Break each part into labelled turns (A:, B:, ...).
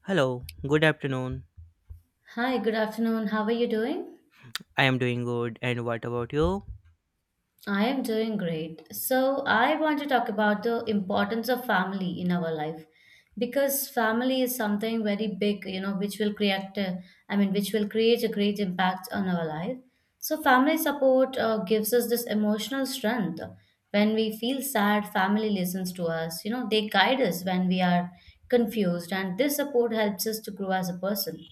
A: Hello, good afternoon.
B: Hi, good afternoon. How are you doing?
A: I am doing good, and what about you?
B: I am doing great. So, I want to talk about the importance of family in our life because family is something very big, you know, which will create, which will create a great impact on our life. So, family support gives us this emotional strength. When we feel sad, family listens to us, you know, they guide us when we are confused, and this support helps us to grow as a person.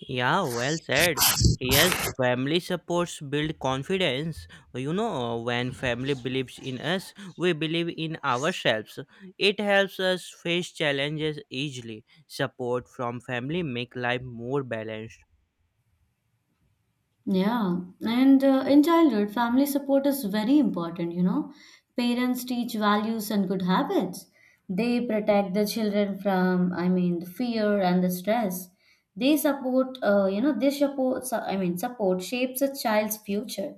A: Yeah, well said. Yes, family supports build confidence. You know, when family believes in us, we believe in ourselves. It helps us face challenges easily. Support from family make life more balanced.
B: Yeah, and in childhood, family support is very important, you know. Parents teach values and good habits. They protect the children from, I mean, the fear and the stress. They support, I mean, support shapes a child's future.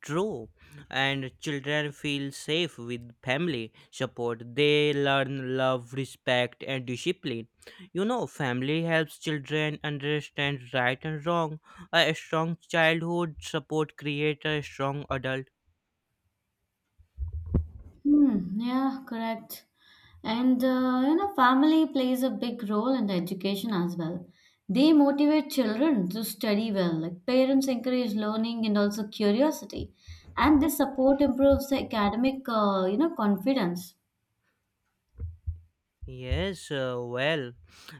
A: True, and children feel safe with family support. They learn love, respect, and discipline. You know, family helps children understand right and wrong. A strong childhood support creates a strong adult.
B: Yeah, correct. And you know, family plays a big role in the education as well. They motivate children to study well. Like parents encourage learning and also curiosity, and this support improves the academic, you know, confidence.
A: Yes, well,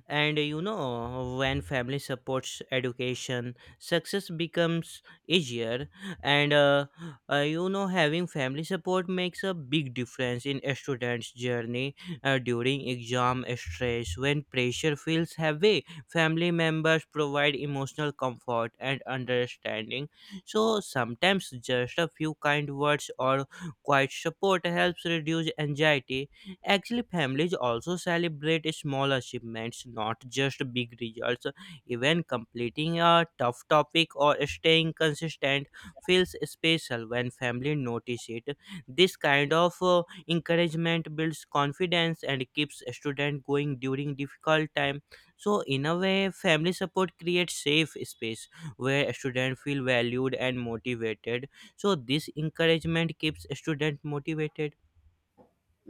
A: and you know, when family supports education, success becomes easier. And You know, having family support makes a big difference in a student's journey during exam stress. When pressure feels heavy, family members provide emotional comfort and understanding. So sometimes just a few kind words or quiet support helps reduce anxiety. Actually, families also celebrate small achievements, not just big results. Even completing a tough topic or staying consistent feels special when family notice it. This kind of encouragement builds confidence and keeps a student going during difficult time. So, in a way, family support creates safe space where a student feel valued and motivated. So, this encouragement keeps a student motivated.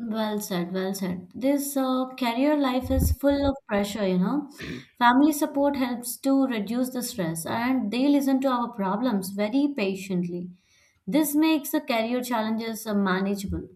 B: Well said, well said. This career life is full of pressure, you know. Family support helps to reduce the stress and they listen to our problems very patiently. This makes the career challenges manageable.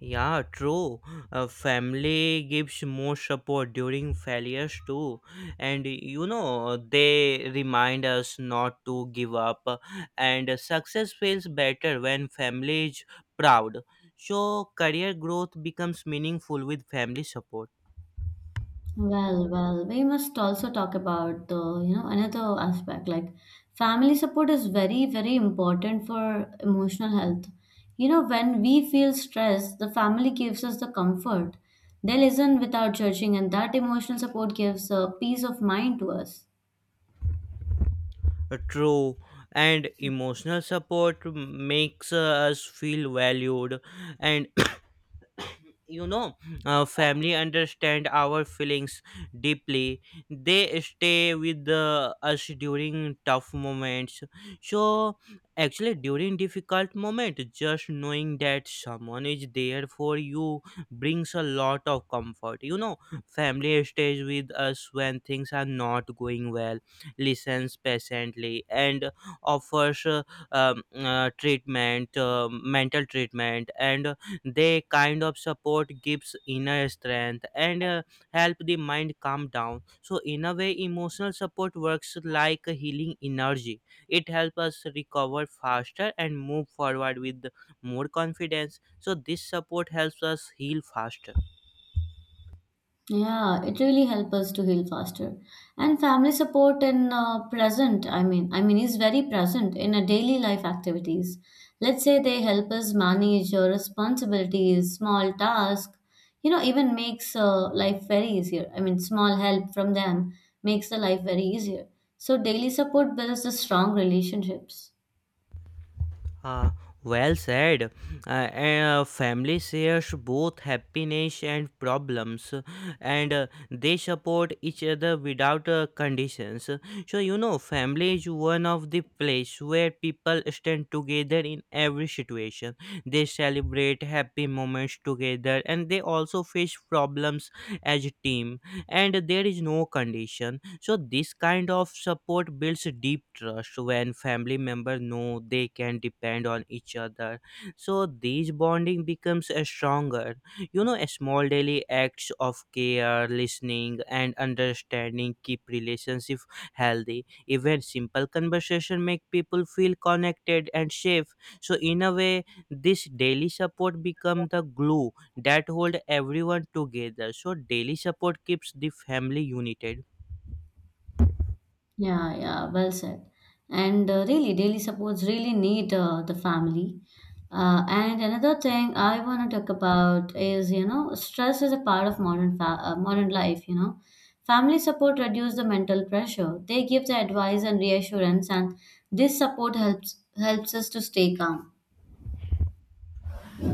A: Yeah, true. Family gives more support during failures too. And you know, they remind us not to give up. And success feels better when family is proud. So, career growth becomes meaningful with family support.
B: Well, well, we must also talk about the, you know, another aspect like family support is very, very important for emotional health. You know, when we feel stressed, the family gives us the comfort. They listen without judging, and that emotional support gives a peace of mind to us.
A: True, and emotional support makes us feel valued, and you know, family understand our feelings deeply. They stay with us during tough moments. So actually, during difficult moment, just knowing that someone is there for you brings a lot of comfort, you know. Family stays with us when things are not going well, listens patiently, and offers treatment, mental treatment, and they kind of support gives inner strength, and help the mind calm down. So in a way, emotional support works like a healing energy. It helps us recover faster and move forward with more confidence. So this support helps us heal faster.
B: Yeah, it really helps us to heal faster. And family support in I mean, is very present in our daily life activities. Let's say they help us manage your responsibilities, small tasks, you know, even makes life very easier. I mean, small help from them makes the life very easier. So daily support builds the strong relationships.
A: Ah, well said. Family shares both happiness and problems, and they support each other without conditions. So, you know, family is one of the place where people stand together in every situation. They celebrate happy moments together, and they also face problems as a team. And there is no condition, so this kind of support builds deep trust when family members know they can depend on each other. So this bonding becomes a stronger. You know, a small daily acts of care, listening, and understanding keep relationship healthy. Even simple conversation make people feel connected and safe. So in a way, this daily support become the glue that hold everyone together. So daily support keeps the family united.
B: Yeah, yeah, well said. And really, daily supports really need the family. And another thing I want to talk about is, you know, stress is a part of modern life, you know. Family support reduce the mental pressure. They give the advice and reassurance, and this support helps helps us to stay calm.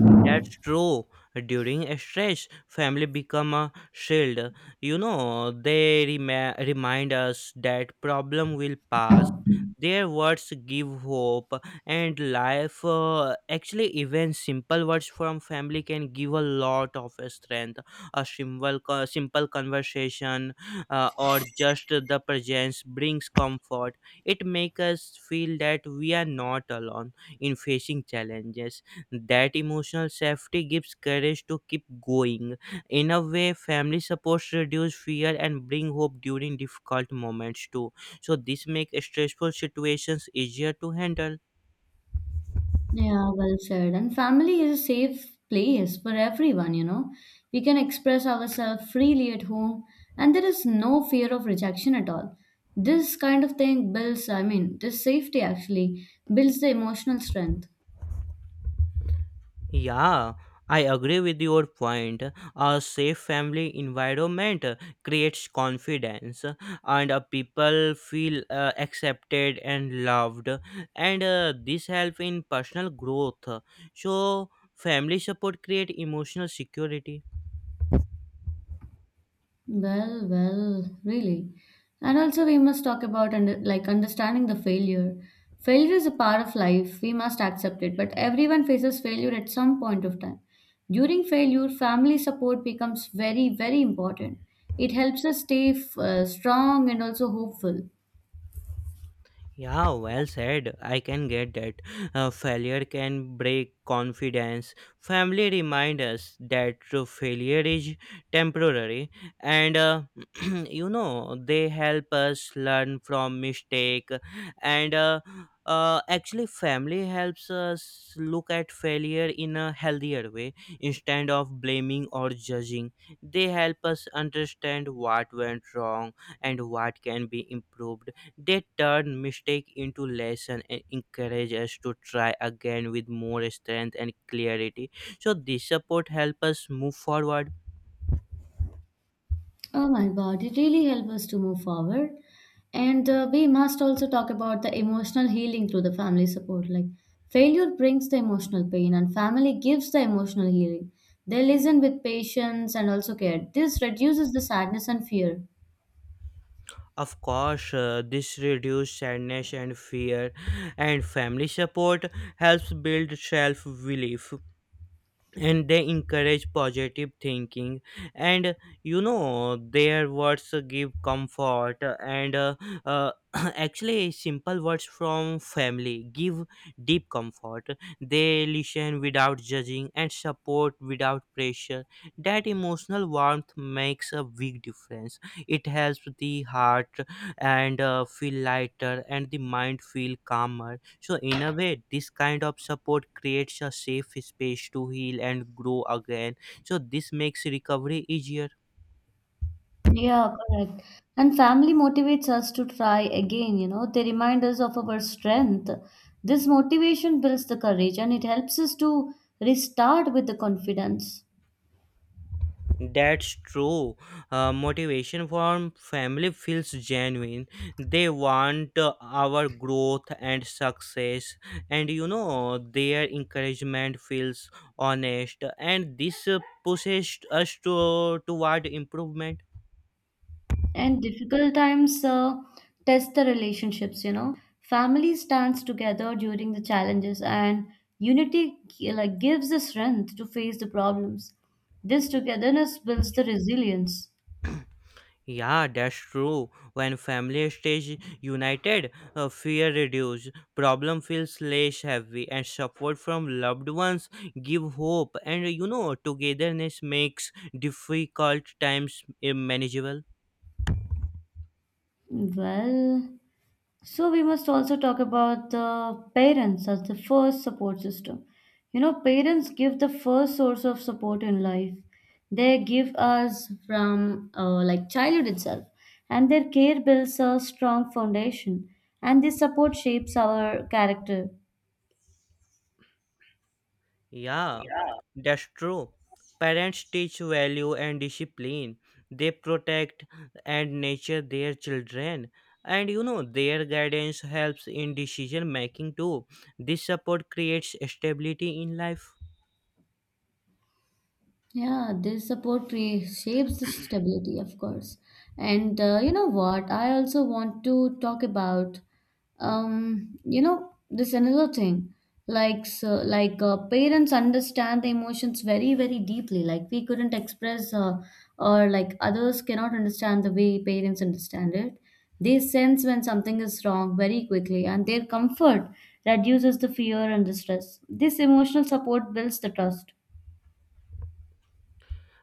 A: That's true. During a stress, family become a shield. You know, they rema remind us that problem will pass. Their words give hope and life. Actually, even simple words from family can give a lot of strength. A simple conversation or just the presence brings comfort. It makes us feel that we are not alone in facing challenges. That emotional safety gives courage to keep going. In a way, family supports reduce fear and bring hope during difficult moments too. So this makes stressful situations easier to handle.
B: Yeah, well said. And family is a safe place for everyone, you know. We can express ourselves freely at home, and there is no fear of rejection at all. This kind of thing builds, I mean, this safety actually builds the emotional strength.
A: Yeah, I agree with your point. A safe family environment creates confidence, and people feel accepted and loved, and this helps in personal growth. So, family support create emotional security.
B: Well, well, really. And also, we must talk about under, like understanding the failure. Failure is a part of life. We must accept it. But everyone faces failure at some point of time. During failure, family support becomes very, very important. It helps us stay strong and also hopeful.
A: Yeah, well said. I can get that. Failure can break confidence. Family remind us that failure is temporary, and you know, they help us learn from mistake. And Actually, family helps us look at failure in a healthier way instead of blaming or judging. They help us understand what went wrong and what can be improved. They turn mistake into lesson and encourage us to try again with more strength and clarity. So this support help us move forward.
B: Oh my God, it really helps us to move forward. And we must also talk about the emotional healing through the family support. Like, failure brings the emotional pain, and family gives the emotional healing. They listen with patience and also care. This reduces the sadness and fear.
A: Of course, this reduces sadness and fear, and family support helps build self belief, and they encourage positive thinking, and you know, their words give comfort, and actually simple words from family give deep comfort. They listen without judging and support without pressure. That emotional warmth makes a big difference. It helps the heart, and feel lighter, and the mind feel calmer. So, in a way, this kind of support creates a safe space to heal and grow again. So, this makes recovery easier.
B: Yeah, correct. And family motivates us to try again, you know, they remind us of our strength. This motivation builds the courage and it helps us to restart with the confidence.
A: That's true. Motivation from family feels genuine. They want our growth and success, and you know, their encouragement feels honest, and this pushes us toward improvement.
B: And difficult times test the relationships, you know. Family stands together during the challenges, and like gives the strength to face the problems. This togetherness builds the resilience.
A: Yeah, that's true. When family stays united, fear reduces, problem feels less heavy, and support from loved ones give hope. And you know, togetherness makes difficult times manageable.
B: Well, so we must also talk about the parents as the first support system. You know, parents give the first source of support in life. They give us from like childhood itself, and their care builds a strong foundation, and this support shapes our character.
A: Yeah, that's true. Parents teach value and discipline. They protect and nurture their children. And you know, their guidance helps in decision making too. This support creates stability in life.
B: Yeah, this shapes the stability, of course. And you know what? I also want to talk about, you know, this another thing. Like, so, like parents understand the emotions very, very deeply. Like we couldn't express, or like others cannot understand the way parents understand it. They sense when something is wrong very quickly, and their comfort reduces the fear and the stress. This emotional support builds the trust.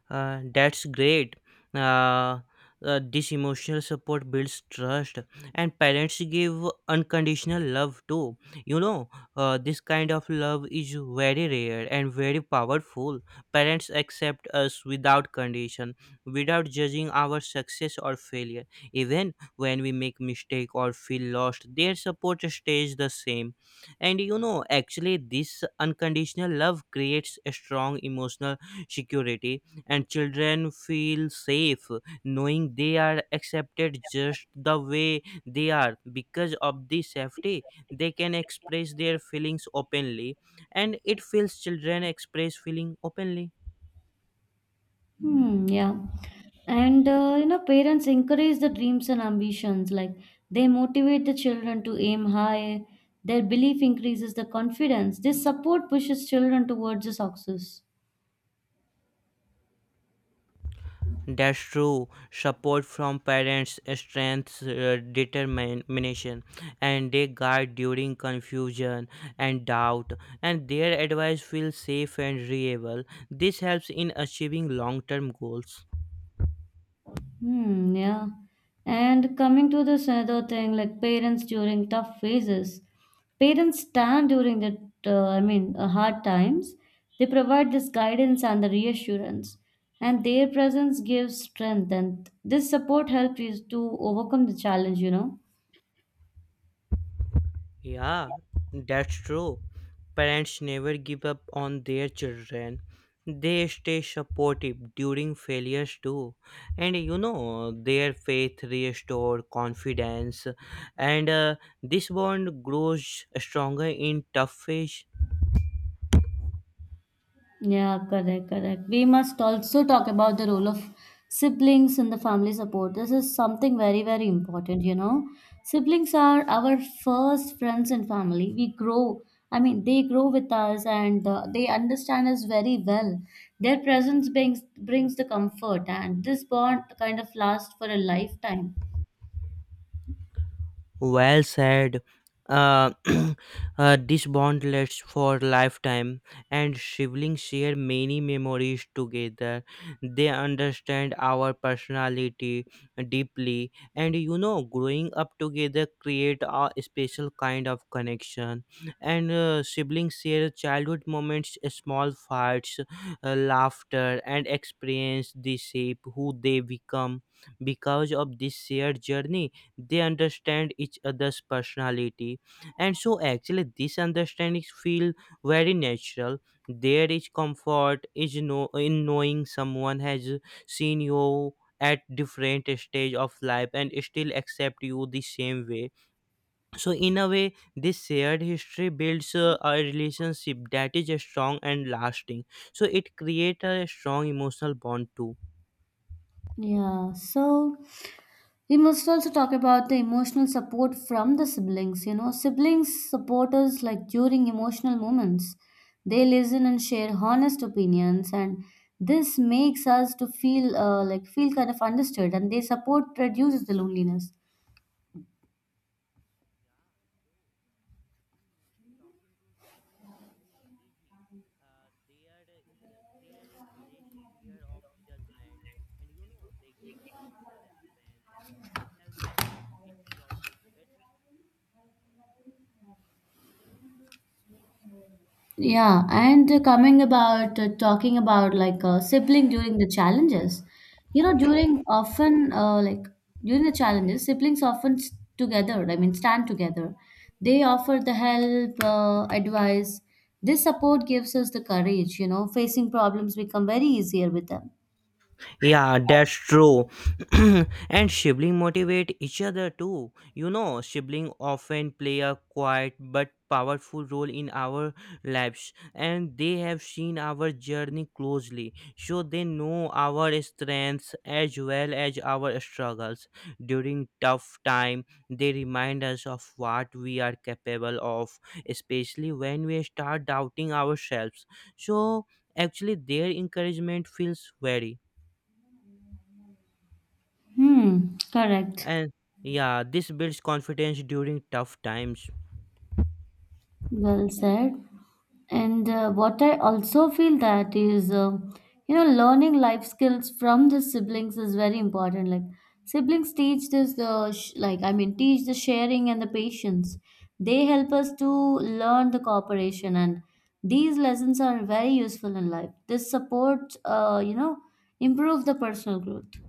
A: That's great. Uh, this emotional support builds trust, and parents give unconditional love too. You know, this kind of love is very rare and very powerful. Parents accept us without condition, without judging our success or failure. Even when we make mistake or feel lost, their support stays the same. And you know, actually, this unconditional love creates a strong emotional security, and children feel safe knowing they are accepted just the way they are. Because of this safety they can express their feelings openly, and it feels children express feeling openly.
B: Yeah. And you know, parents encourage the dreams and ambitions. Like they motivate the children to aim high. Their belief increases the confidence. This support pushes children towards the success.
A: That's true, support from parents strengths determination, and they guide during confusion and doubt, and their advice feels safe and reliable. This helps in achieving long-term goals.
B: Yeah. And coming to this other thing, like parents during tough phases, parents stand during the, hard times. They provide this guidance and the reassurance, and their presence gives strength. And this support helps you to overcome the challenge, you know.
A: Yeah, that's true. Parents never give up on their children. They stay supportive during failures too. And you know, their faith restores confidence. And This bond grows stronger in tough phase.
B: Yeah, correct, correct. We must also talk about the role of siblings in the family support. This is something very, very important, you know. Siblings are our first friends in family. We grow, I mean, they grow with us and they understand us very well. Their presence brings the comfort, and this bond kind of lasts for a lifetime.
A: Well said. Uh, this bond lasts for lifetime, and siblings share many memories together. They understand our personality deeply, and you know, growing up together create a special kind of connection. And Siblings share childhood moments, small fights, laughter, and experience the shape who they become. Because of this shared journey they understand each other's personality, and so actually this understanding feel very natural. There is comfort is no in knowing someone has seen you at different stage of life and still accept you the same way. So in a way, this shared history builds a relationship that is strong and lasting. So it creates a strong emotional bond too.
B: Yeah, so we must also talk about the emotional support from the siblings. You know, siblings support us like during emotional moments. They listen and share honest opinions, and this makes us to feel like feel kind of understood. And their support reduces the loneliness.
A: Talking to siblings feel easy. uh, there there is less fear of judgment, and you know, they give emotional strength. This helps us treat problems better.
B: Yeah, and coming about talking about like a sibling during the challenges, you know, during the challenges, siblings often s together, I mean, stand together. They offer the help, advice. This support gives us the courage, you know, facing problems become very easier with them.
A: Yeah, that's true. And sibling motivate each other too. You know, sibling often play a quiet but powerful role in our lives, and they have seen our journey closely, so they know our strengths as well as our struggles. During tough time they remind us of what we are capable of, especially when we start doubting ourselves. So actually their encouragement feels very.
B: Hmm, Correct.
A: And yeah, this builds confidence during tough times.
B: Well said. And what I also feel that is, you know, learning life skills from the siblings is very important. Like siblings teach this the sh- like I mean teach the sharing and the patience. They help us to learn the cooperation, and these lessons are very useful in life. This supports, you know, improve the personal growth.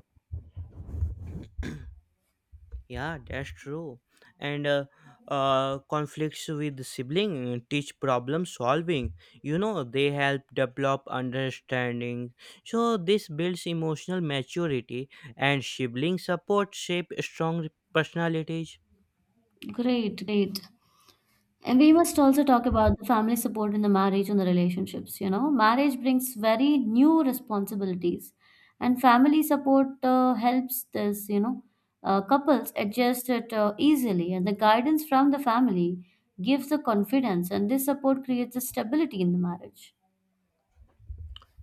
A: Yeah, that's true. And conflicts with the sibling teach problem solving. You know, they help develop understanding. So this builds emotional maturity, and sibling support shape strong personalities.
B: Great, great. And we must also talk about the family support in the marriage and the relationships. You know, marriage brings very new responsibilities, and family support helps this, you know, couples adjust it easily. And the guidance from the family gives the confidence, and this support creates the stability in the marriage.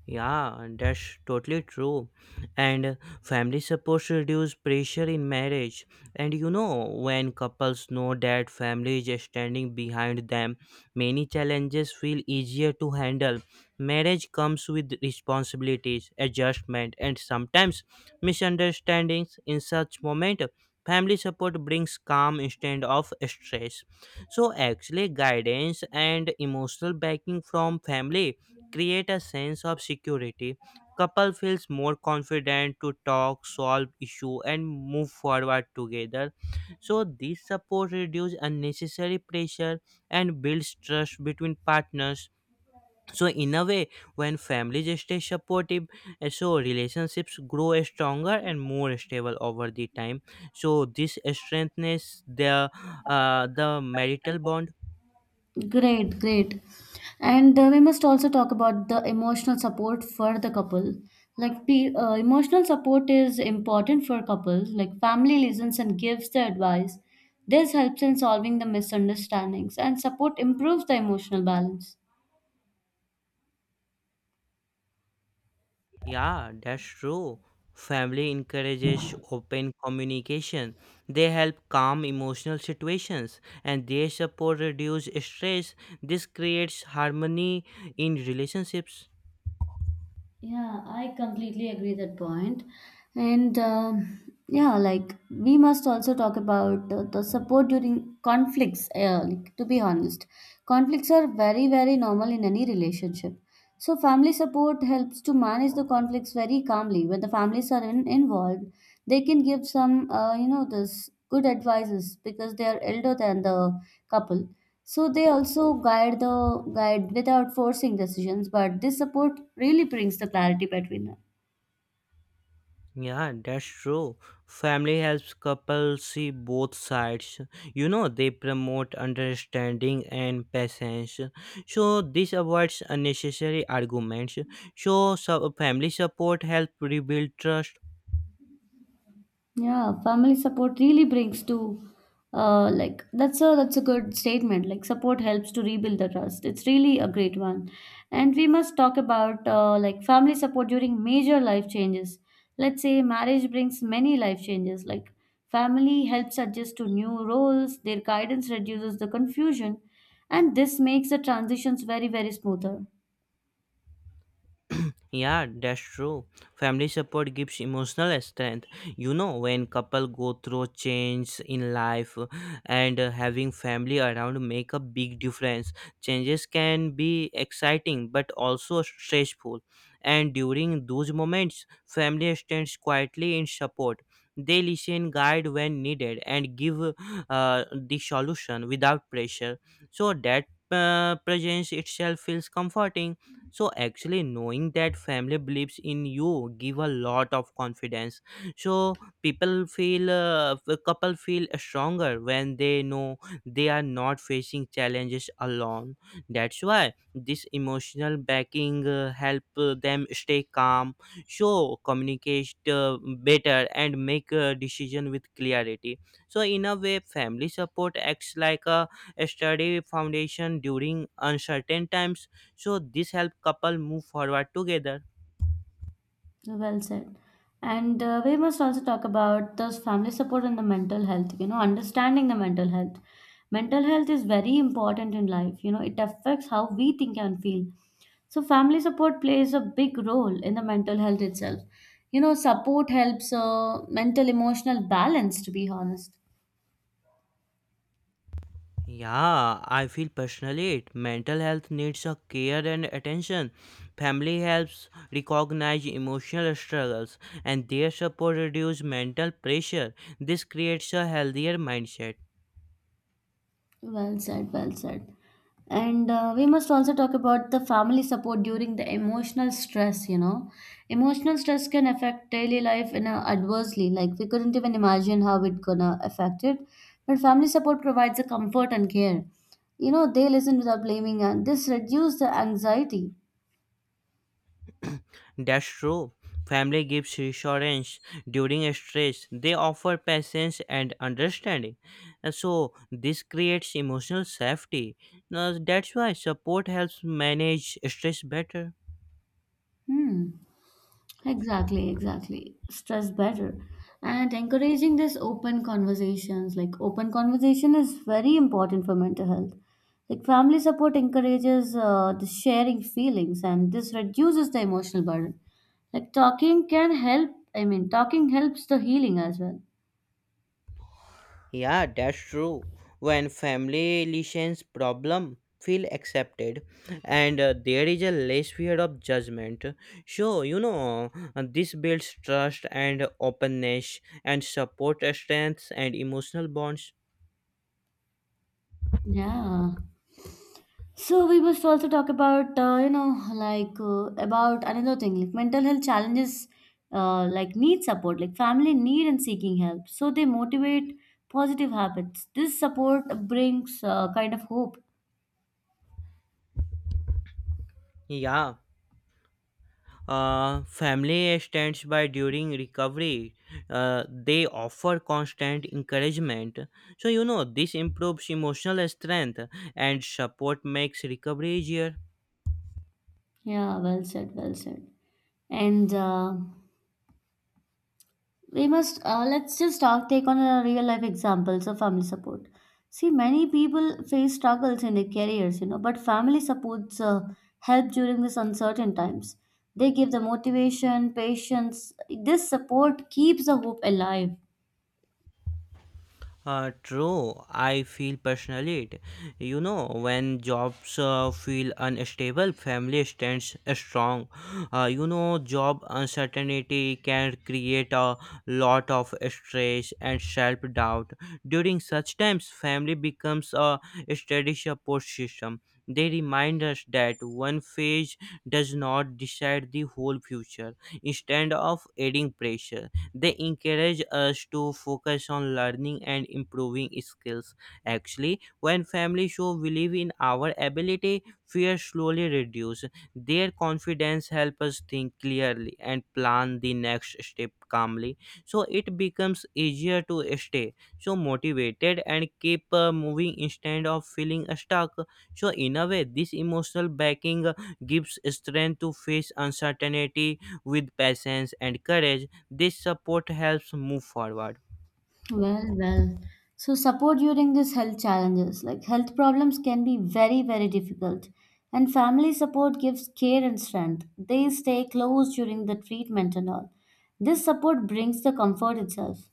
A: Yeah, and that's totally true. And Family support should reduce pressure in marriage. And you know, when couples know that family is standing behind them, many challenges feel easier to handle. Marriage comes with responsibilities, adjustment, and sometimes misunderstandings. In such moment, family support brings calm instead of stress. So actually, guidance and emotional backing from family create a sense of security. Couple feels more confident to talk, solve issue, and move forward together. So this support reduce unnecessary pressure and builds trust between partners. So in a way, when families stay supportive, so relationships grow stronger and more stable over the time. So this strengthens the marital bond.
B: Great, great. And we must also talk about the emotional support for the couple. Like the emotional support is important for couples. Like family listens and gives the advice. This helps in solving the misunderstandings and support improves the emotional balance.
A: Yeah, that's true. Family encourages open communication. They help calm emotional situations and they support reduce stress. This creates harmony in relationships.
B: Yeah, I completely agree that point. And yeah, like we must also talk about the support during conflicts. Like, to be honest, conflicts are very, very normal in any relationship. So, family support helps to manage the conflicts very calmly. When the families are involved, they can give some, you know, this good advices because they are elder than the couple. So they also guide without forcing decisions, but this support really brings the clarity between.
A: Yeah, that's true. Family helps couples see both sides. You know, they promote understanding and patience. So this avoids unnecessary arguments. So family support help rebuild trust.
B: Yeah, family support really brings to like that's a good statement. Like support helps to rebuild the trust. It's really a great one. And we must talk about like family support during major life changes. Let's say marriage brings many life changes. Like family helps adjust to new roles, their guidance reduces the confusion, and this makes the transitions very, very smoother.
A: Yeah, that's true. Family support gives emotional strength. You know, when couple go through change in life, and having family around make a big difference. Changes can be exciting but also stressful. And during those moments, family stands quietly in support. They listen, guide when needed, and give the solution without pressure. So that presence itself feels comforting. So actually knowing that family believes in you give a lot of confidence. So people feel, a couple feel stronger when they know they are not facing challenges alone. That's why this emotional backing help them stay calm, so communicate better and make a decision with clarity. So in a way, family support acts like a sturdy foundation during uncertain times. So this help couple move forward together.
B: Well said. And we must also talk about this family support and the mental health, you know, understanding the mental health. Mental health is very important in life, you know, it affects how we think and feel. So, family support plays a big role in the mental health itself. You know, support helps mental emotional balance, to be honest.
A: Yeah, I feel personally it. Mental health needs a care and attention. Family helps recognize emotional struggles and their support reduce mental pressure. This creates a healthier mindset.
B: Well said, well said. And we must also talk about the family support during the emotional stress, you know. Emotional stress can affect daily life in a adversely, like we couldn't even imagine how it gonna affect it. But family support provides a comfort and care. You know, they listen without blaming and this reduces the anxiety.
A: That's true. Family gives reassurance during stress. They offer patience and understanding. So this creates emotional safety. Now, that's why support helps manage stress better.
B: Hmm. Exactly, exactly. Stress better. And encouraging this open conversations, like open conversation is very important for mental health. Like family support encourages the sharing feelings and this reduces the emotional burden. Like talking can help, I mean, talking helps the healing as well.
A: Yeah, that's true. When family relations problem feel accepted, and there is a less fear of judgment. So you know, this builds trust and openness, and support strengths and emotional bonds.
B: Yeah. So we must also talk about you know like about another thing like mental health challenges like need support like family need and seeking help so they motivate positive habits. This support brings kind of hope.
A: Yeah, family stands by during recovery. They offer constant encouragement. So you know, this improves emotional strength, and support makes recovery easier.
B: Yeah, well said, well said. And we must let's just talk take on a real life examples of family support. See many people face struggles in their careers, you know, but family supports help during these uncertain times. They give the motivation patience. This support keeps the hope alive.
A: True, I feel personally it. You know, when jobs feel unstable, family stands strong. You know, job uncertainty can create a lot of stress and self doubt. During such times, family becomes a steady support system. They remind us that one phase does not decide the whole future, instead of adding pressure. They encourage us to focus on learning and improving skills. Actually, when families show belief in our ability, fear slowly reduces. Their confidence helps us think clearly and plan the next step calmly. So it becomes easier to stay so motivated and keep moving instead of feeling stuck. So in a way, this emotional backing gives strength to face uncertainty with patience and courage. This support helps move forward.
B: Well, well. So support during these health challenges, like health problems can be very, very difficult. And family support gives care and strength. They stay close during the treatment and all. This support brings the comfort itself.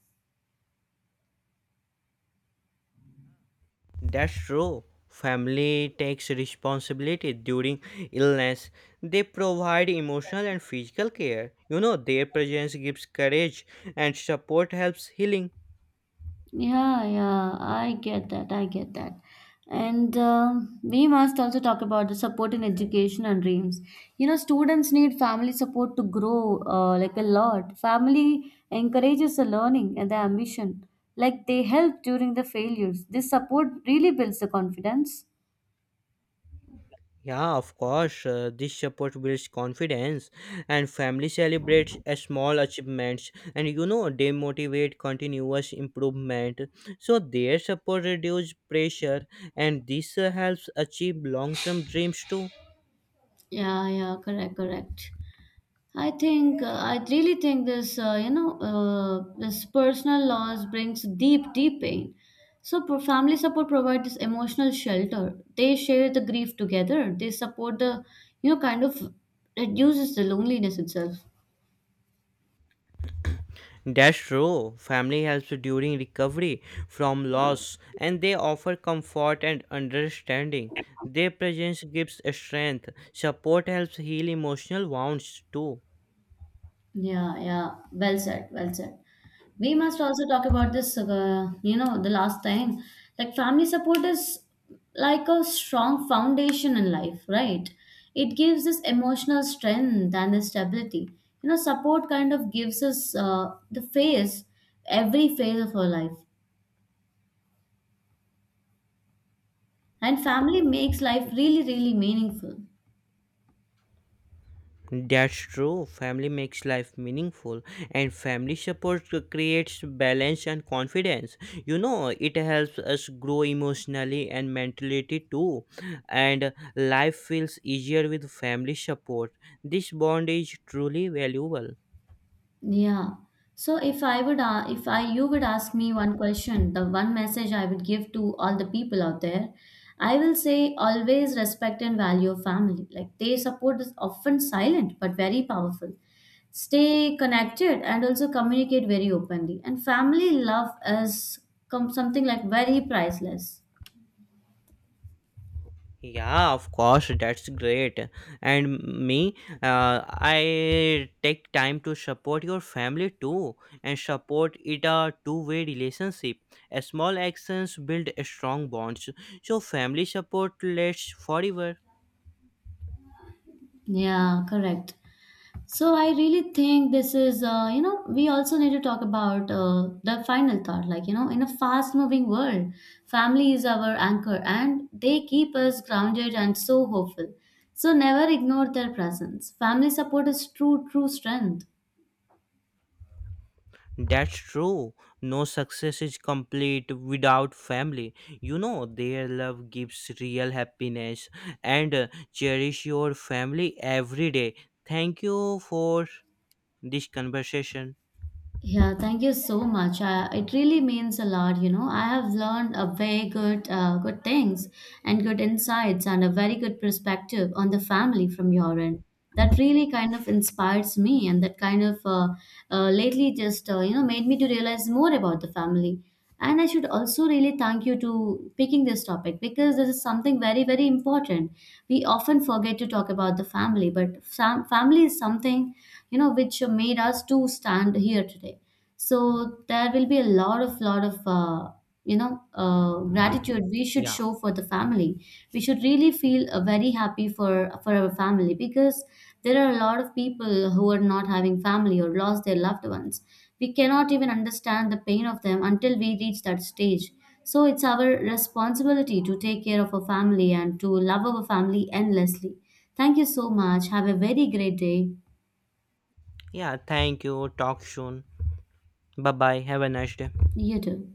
A: That's true. Family takes responsibility during illness. They provide emotional and physical care. You know, their presence gives courage and support helps healing.
B: Yeah, yeah, I get that. I get that. And we must also talk about the support in education and dreams. You know, students need family support to grow like a lot. Family encourages the learning and the ambition. Like they help during the failures. This support really builds the confidence.
A: Yeah, of course, this support builds confidence, and family celebrates a small achievements, and you know, they motivate continuous improvement. So their support reduces pressure, and this helps achieve long-term dreams too.
B: Yeah, yeah, correct, correct. I think I really think this this personal loss brings deep deep pain. So family support provides this emotional shelter. They share the grief together. They support the you know kind of reduces the loneliness itself.
A: That's true. Family helps during recovery from loss, and they offer comfort and understanding. Their presence gives strength. Support helps heal emotional wounds too.
B: Yeah, yeah. Well said, well said. We must also talk about this, you know, the last time. Like, family support is like a strong foundation in life, right? It gives us emotional strength and the stability. You know, support kind of gives us the phase, every phase of our life. And family makes life really, really meaningful.
A: That's true. Family makes life meaningful, and family support creates balance and confidence. You know, it helps us grow emotionally and mentally too. And life feels easier with family support. This bond is truly valuable.
B: Yeah. So if I, you would ask me one question, the one message I would give to all the people out there, I will say always respect and value your family. Like they support is often silent but very powerful. Stay connected and also communicate very openly. And family love is something like very priceless.
A: Yeah, of course, that's great. And me, I take time to support your family too, and support it a two-way relationship. A small actions build a strong bonds, so family support lasts forever.
B: Yeah, correct. So I really think this is, you know, we also need to talk about the final thought. Like, you know, in a fast moving world, family is our anchor and they keep us grounded and so hopeful. So never ignore their presence. Family support is true, true strength.
A: That's true. No success is complete without family. You know, their love gives real happiness, and cherish your family every day. Thank you for this conversation.
B: Yeah, thank you so much. I, it really means a lot, you know. I have learned a very good, good things and good insights and a very good perspective on the family from your end. That really kind of inspires me, and that kind of lately just you know made me to realize more about the family. And I should also really thank you to picking this topic because this is something very very important. We often forget to talk about the family, but family is something you know which made us to stand here today. So there will be a lot of gratitude we should
A: Yeah.
B: show for the family. We should really feel very happy for our family because there are a lot of people who are not having family or lost their loved ones. We cannot even understand the pain of them until we reach that stage. So it's our responsibility to take care of our family and to love our family endlessly. Thank you so much, have a very great day.
A: Yeah. Thank you. Talk soon. Bye bye. Have a nice day.
B: You